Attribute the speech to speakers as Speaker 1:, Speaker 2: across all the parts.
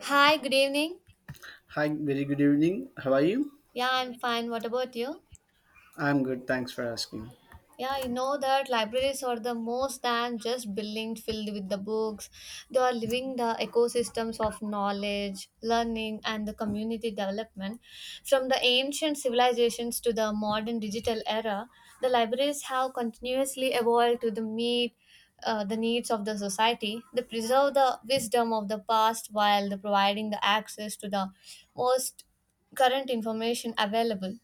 Speaker 1: Hi, good evening.
Speaker 2: Hi, very good evening. How are you?
Speaker 1: Yeah, I'm fine. What about you?
Speaker 2: I'm good. Thanks for asking.
Speaker 1: Yeah, you know that libraries are the most than just buildings filled with the books. They are living the ecosystems of knowledge, learning, and the community development. From the ancient civilizations to the modern digital era, the libraries have continuously evolved to the meet the needs of the society. They preserve the wisdom of the past while they providing the access to the most current information available.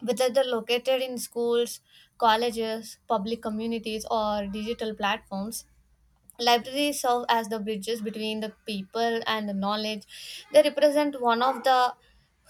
Speaker 1: Whether they are located in schools, colleges, public communities, or digital platforms. Libraries serve as the bridges between the people and the knowledge. They represent one of the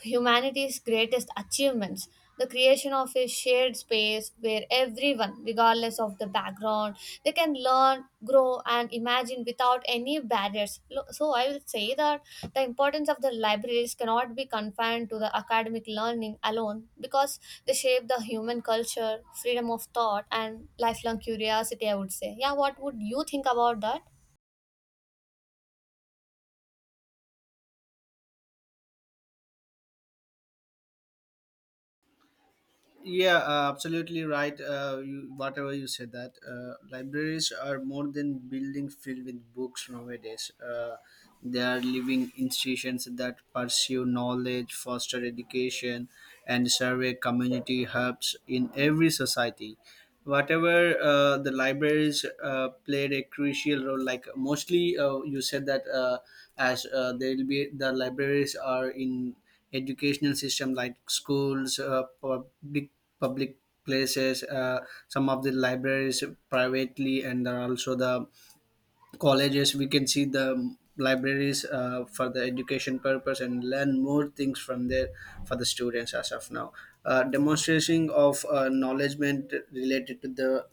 Speaker 1: humanity's greatest achievements, the creation of a shared space where everyone, regardless of the background, they can learn, grow, and imagine without any barriers. So I will say that the importance of the libraries cannot be confined to the academic learning alone, because they shape the human culture, freedom of thought, and lifelong curiosity, I would say. Yeah, what would you think about that?
Speaker 2: Yeah, absolutely right. You, whatever you said that libraries are more than building filled with books nowadays. They are living institutions that pursue knowledge, foster education, and serve as community hubs in every society. Whatever the libraries played a crucial role, like mostly you said that as they will be the libraries are in educational system like schools, public places, some of the libraries privately, and there are also the colleges. We can see the libraries, for the education purpose, and learn more things from there for the students. As of now, demonstration of knowledgement related to the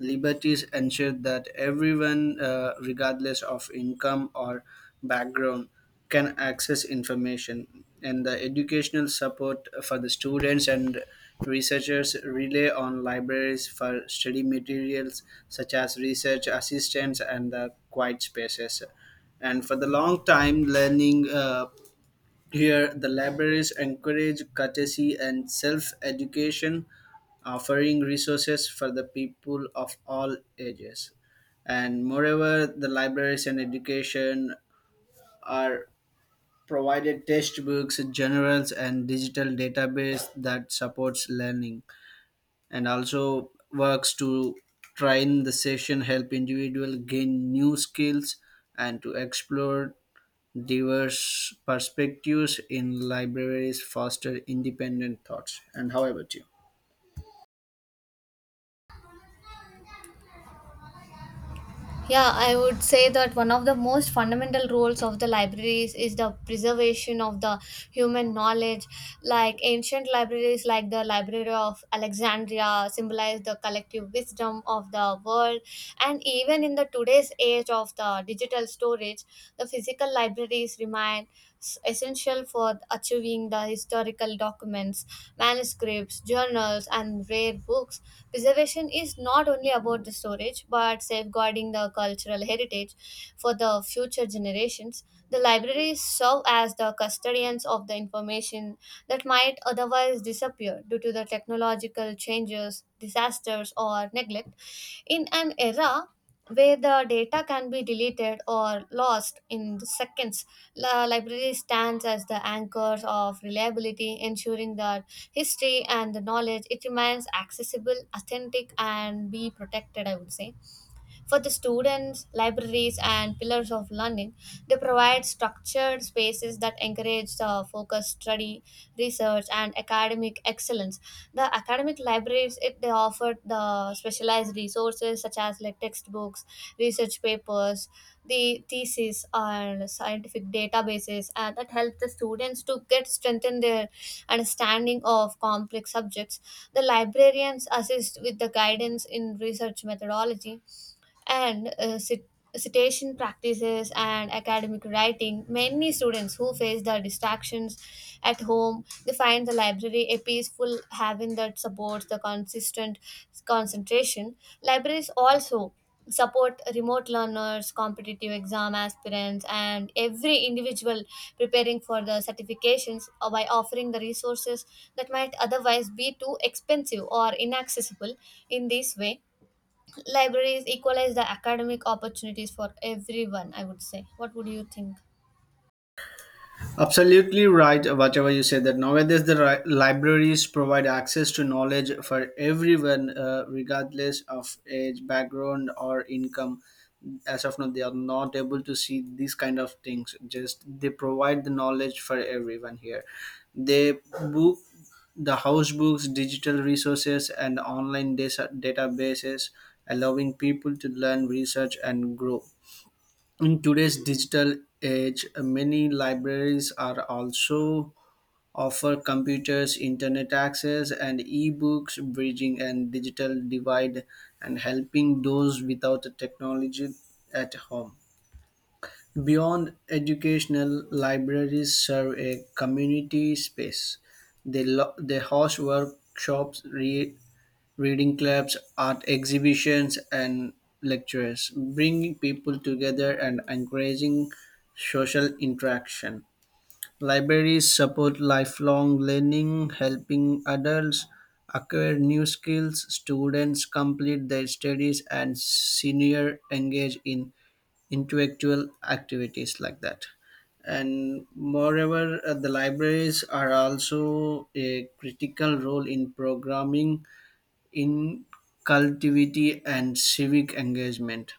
Speaker 2: Liberties ensure that everyone, regardless of income or background, can access information. And the educational support for the students and researchers rely on libraries for study materials such as research assistants and the quiet spaces. And for the long time, learning, here, the libraries encourage courtesy and self education, offering resources for the people of all ages. And moreover, the libraries and education are provided textbooks, journals, and digital database that supports learning, and also works to train the session, help individual gain new skills and to explore diverse perspectives in libraries, foster independent thoughts. And how about you?
Speaker 1: Yeah, I would say that one of the most fundamental roles of the libraries is the preservation of the human knowledge. Like ancient libraries, like the Library of Alexandria, symbolize the collective wisdom of the world. And even in the today's age of the digital storage, the physical libraries remain essential for achieving the historical documents, manuscripts, journals, and rare books. Preservation is not only about the storage but safeguarding the cultural heritage for the future generations. The libraries serve as the custodians of the information that might otherwise disappear due to the technological changes, disasters, or neglect. In an era where the data can be deleted or lost in seconds, the library stands as the anchors of reliability, ensuring that history and the knowledge it remains accessible, authentic, and be protected. I would say for the students, libraries and pillars of learning, they provide structured spaces that encourage the focused study, research, and academic excellence. The academic libraries it, they offer the specialized resources such as like textbooks, research papers, the thesis, and scientific databases, and that help the students to get strengthen their understanding of complex subjects. The librarians assist with the guidance in research methodology and citation practices and academic writing. Many students who face the distractions at home, they find the library a peaceful haven that supports the consistent concentration. Libraries also support remote learners, competitive exam aspirants, and every individual preparing for the certifications, by offering the resources that might otherwise be too expensive or inaccessible. In this way libraries equalize the academic opportunities for everyone, I would say. What would you think?
Speaker 2: Absolutely right, whatever you said that nowadays the libraries provide access to knowledge for everyone, regardless of age, background, or income. As of now, they are not able to see these kind of things. Just they provide the knowledge for everyone here. They book the house books, digital resources, and online databases, allowing people to learn, research, and grow. In today's digital age, many libraries are also offer computers, internet access, and e-books, bridging and digital divide, and helping those without the technology at home. Beyond educational, libraries serve a community space. They, they host workshops, reading clubs, art exhibitions, and lectures, bringing people together and encouraging social interaction. Libraries support lifelong learning, helping adults acquire new skills, students complete their studies, and senior engage in intellectual activities like that. And moreover, the libraries are also a critical role in programming in cultivity and civic engagement.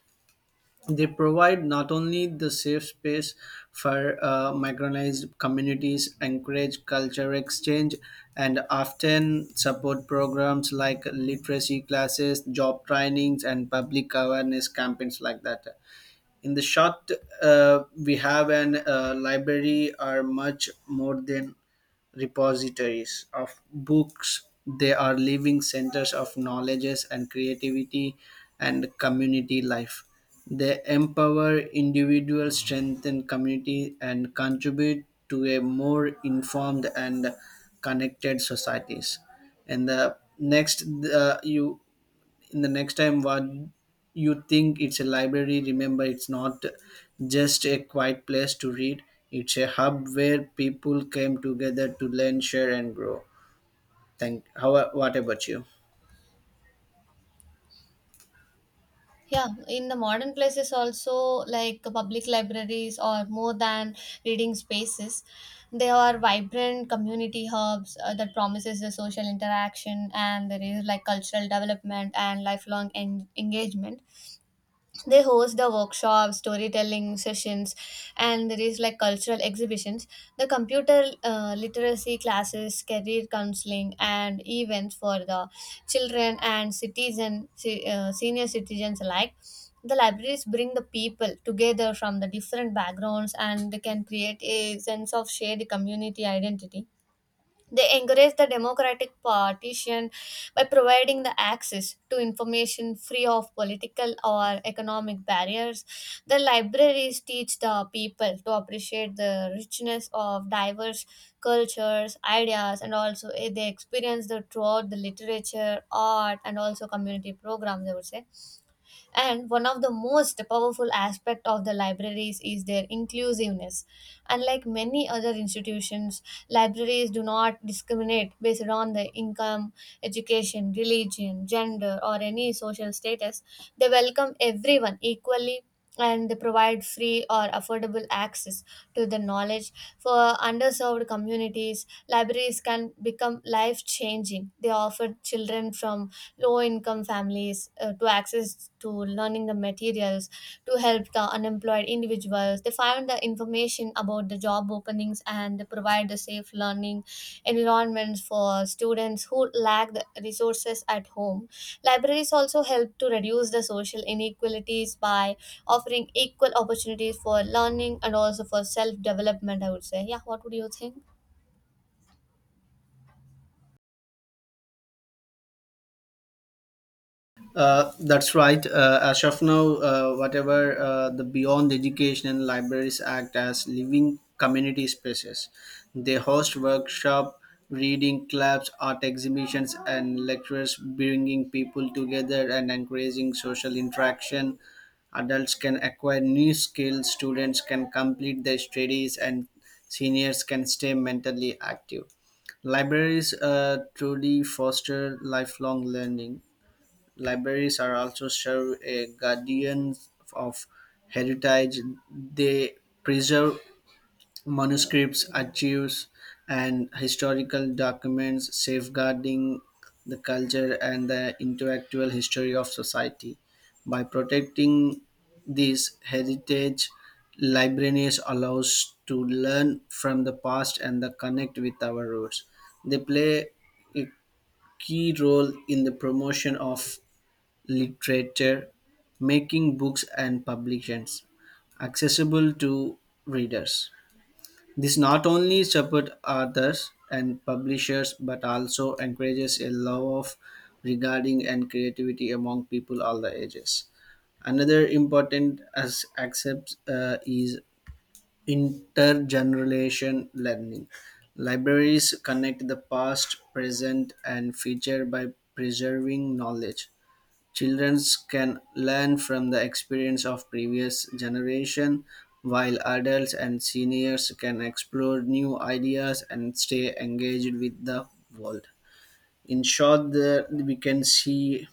Speaker 2: They provide not only the safe space for marginalized communities, encourage culture exchange, and often support programs like literacy classes, job trainings, and public awareness campaigns like that. In the short, we have an, library are much more than repositories of books. They are living centers of knowledges and creativity and community life. They empower individuals, strengthen community, and contribute to a more informed and connected societies. And the next, you in the next time, what you think it's a library, remember, it's not just a quiet place to read. It's a hub where people came together to learn, share, and grow. Thank. How, what about you?
Speaker 1: Yeah, in the modern places also, like public libraries or more than reading spaces, they are vibrant community hubs, that promises the social interaction, and there is like cultural development and lifelong engagement. They host the workshops, storytelling sessions, and there is like cultural exhibitions, the computer literacy classes, career counseling, and events for the children and citizen, senior citizens alike. The libraries bring the people together from the different backgrounds and they can create a sense of shared community identity. They encourage the democratic partition by providing the access to information free of political or economic barriers. The libraries teach the people to appreciate the richness of diverse cultures, ideas, and also they experience the throughout the literature, art, and also community programs, I would say. And one of the most powerful aspect of the libraries is their inclusiveness. Unlike many other institutions, libraries do not discriminate based on the income, education, religion, gender, or any social status. They welcome everyone equally, and they provide free or affordable access to the knowledge. For underserved communities libraries can become life changing. They offer children from low income families, to access to learning the materials, to help the unemployed individuals, they find the information about the job openings, and provide the safe learning environments for students who lack the resources at home. Libraries also help to reduce the social inequalities by offering equal opportunities for learning and also for self development, I would say. Yeah, what would you think?
Speaker 2: That's right. As of now, whatever the Beyond Education and Libraries Act as living community spaces, they host workshop, reading clubs, art exhibitions, and lectures, bringing people together and encouraging social interaction. Adults can acquire new skills, students can complete their studies, and seniors can stay mentally active. Libraries truly foster lifelong learning. Libraries are also serve a guardian of heritage. They preserve manuscripts, archives, and historical documents, safeguarding the culture and the intellectual history of society. By protecting this heritage, libraries allows to learn from the past and the connect with our roots. They play a key role in the promotion of literature, making books and publications accessible to readers. This not only supports authors and publishers but also encourages a love of regarding and creativity among people all the ages. Another important as accept, is intergenerational learning. Libraries connect the past, present, and future by preserving knowledge. Children can learn from the experience of previous generation, while adults and seniors can explore new ideas and stay engaged with the world. In short, the, we can see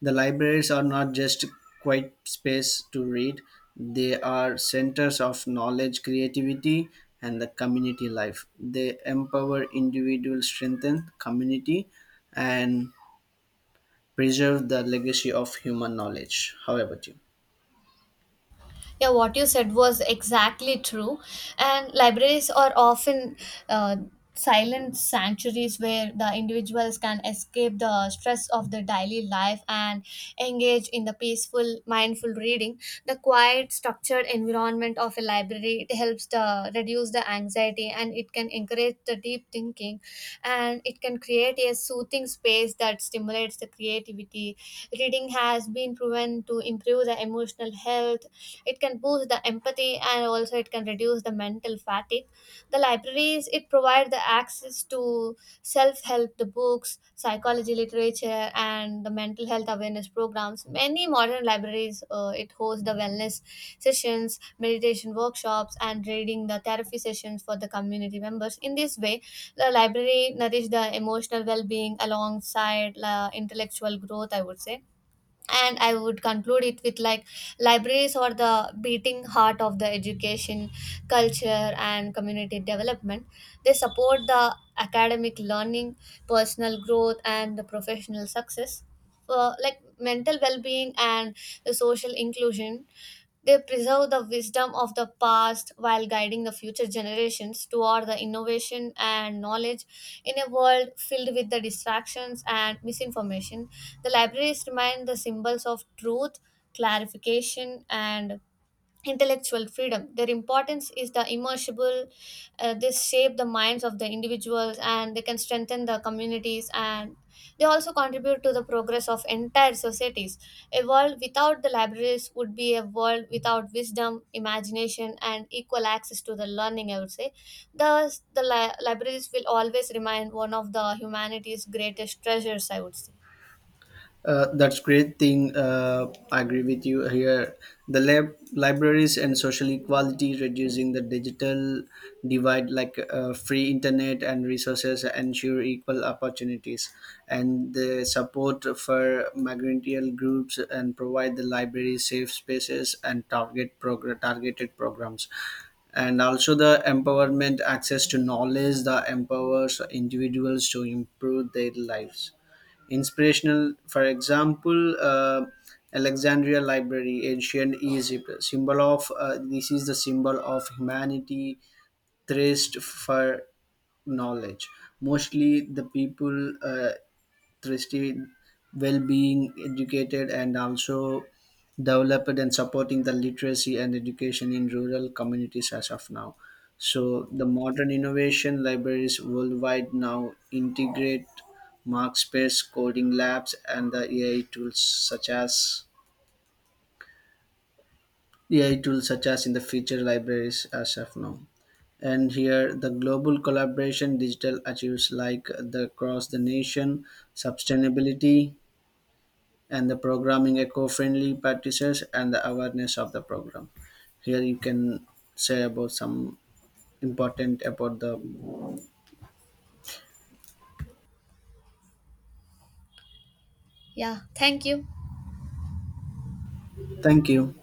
Speaker 2: the libraries are not just quite space to read, they are centers of knowledge, creativity, and the community life. They empower individuals, strengthen community, and preserve the legacy of human knowledge. How about you?
Speaker 1: Yeah, what you said was exactly true. And libraries are often uh, silent sanctuaries where the individuals can escape the stress of the daily life and engage in the peaceful, mindful reading. The quiet, structured environment of a library, it helps the reduce the anxiety, and it can encourage the deep thinking, and it can create a soothing space that stimulates the creativity. Reading has been proven to improve the emotional health, it can boost the empathy, and also it can reduce the mental fatigue. The libraries, it provide the access to self-help the books, psychology literature, and the mental health awareness programs. Many modern libraries, it hosts the wellness sessions, meditation workshops, and reading the therapy sessions for the community members. In this way the library nourish the emotional well-being alongside the intellectual growth, I would say. And I would conclude it with like, libraries are the beating heart of the education, culture, and community development. They support the academic learning, personal growth, and the professional success, like mental well-being and the social inclusion. They preserve the wisdom of the past while guiding the future generations toward the innovation and knowledge. In a world filled with the distractions and misinformation, the libraries remain the symbols of truth, clarification, and intellectual freedom. Their importance is the immersible. They shape the minds of the individuals, and they can strengthen the communities, and they also contribute to the progress of entire societies. A world without the libraries would be a world without wisdom, imagination, and equal access to the learning, I would say. Thus, the libraries will always remain one of the humanity's greatest treasures, I would say.
Speaker 2: That's great thing. I agree with you here. The libraries and social equality, reducing the digital divide, like free internet and resources, ensure equal opportunities, and the support for migratory groups and provide the library safe spaces and targeted programs, and also the empowerment access to knowledge that empowers individuals to improve their lives. Inspirational, for example, Alexandria library, ancient Egypt, symbol of, this is the symbol of humanity thirst for knowledge. Mostly the people, interested, well being, educated, and also developed, and supporting the literacy and education in rural communities as of now. So the modern innovation libraries worldwide now integrate markspace, coding labs, and the AI tools such as in the feature libraries as of now. And here, the global collaboration digital achieves like the across the nation, sustainability, and the programming eco-friendly practices and the awareness of the program. Here you can say about some important about the.
Speaker 1: Yeah, thank you.
Speaker 2: Thank you.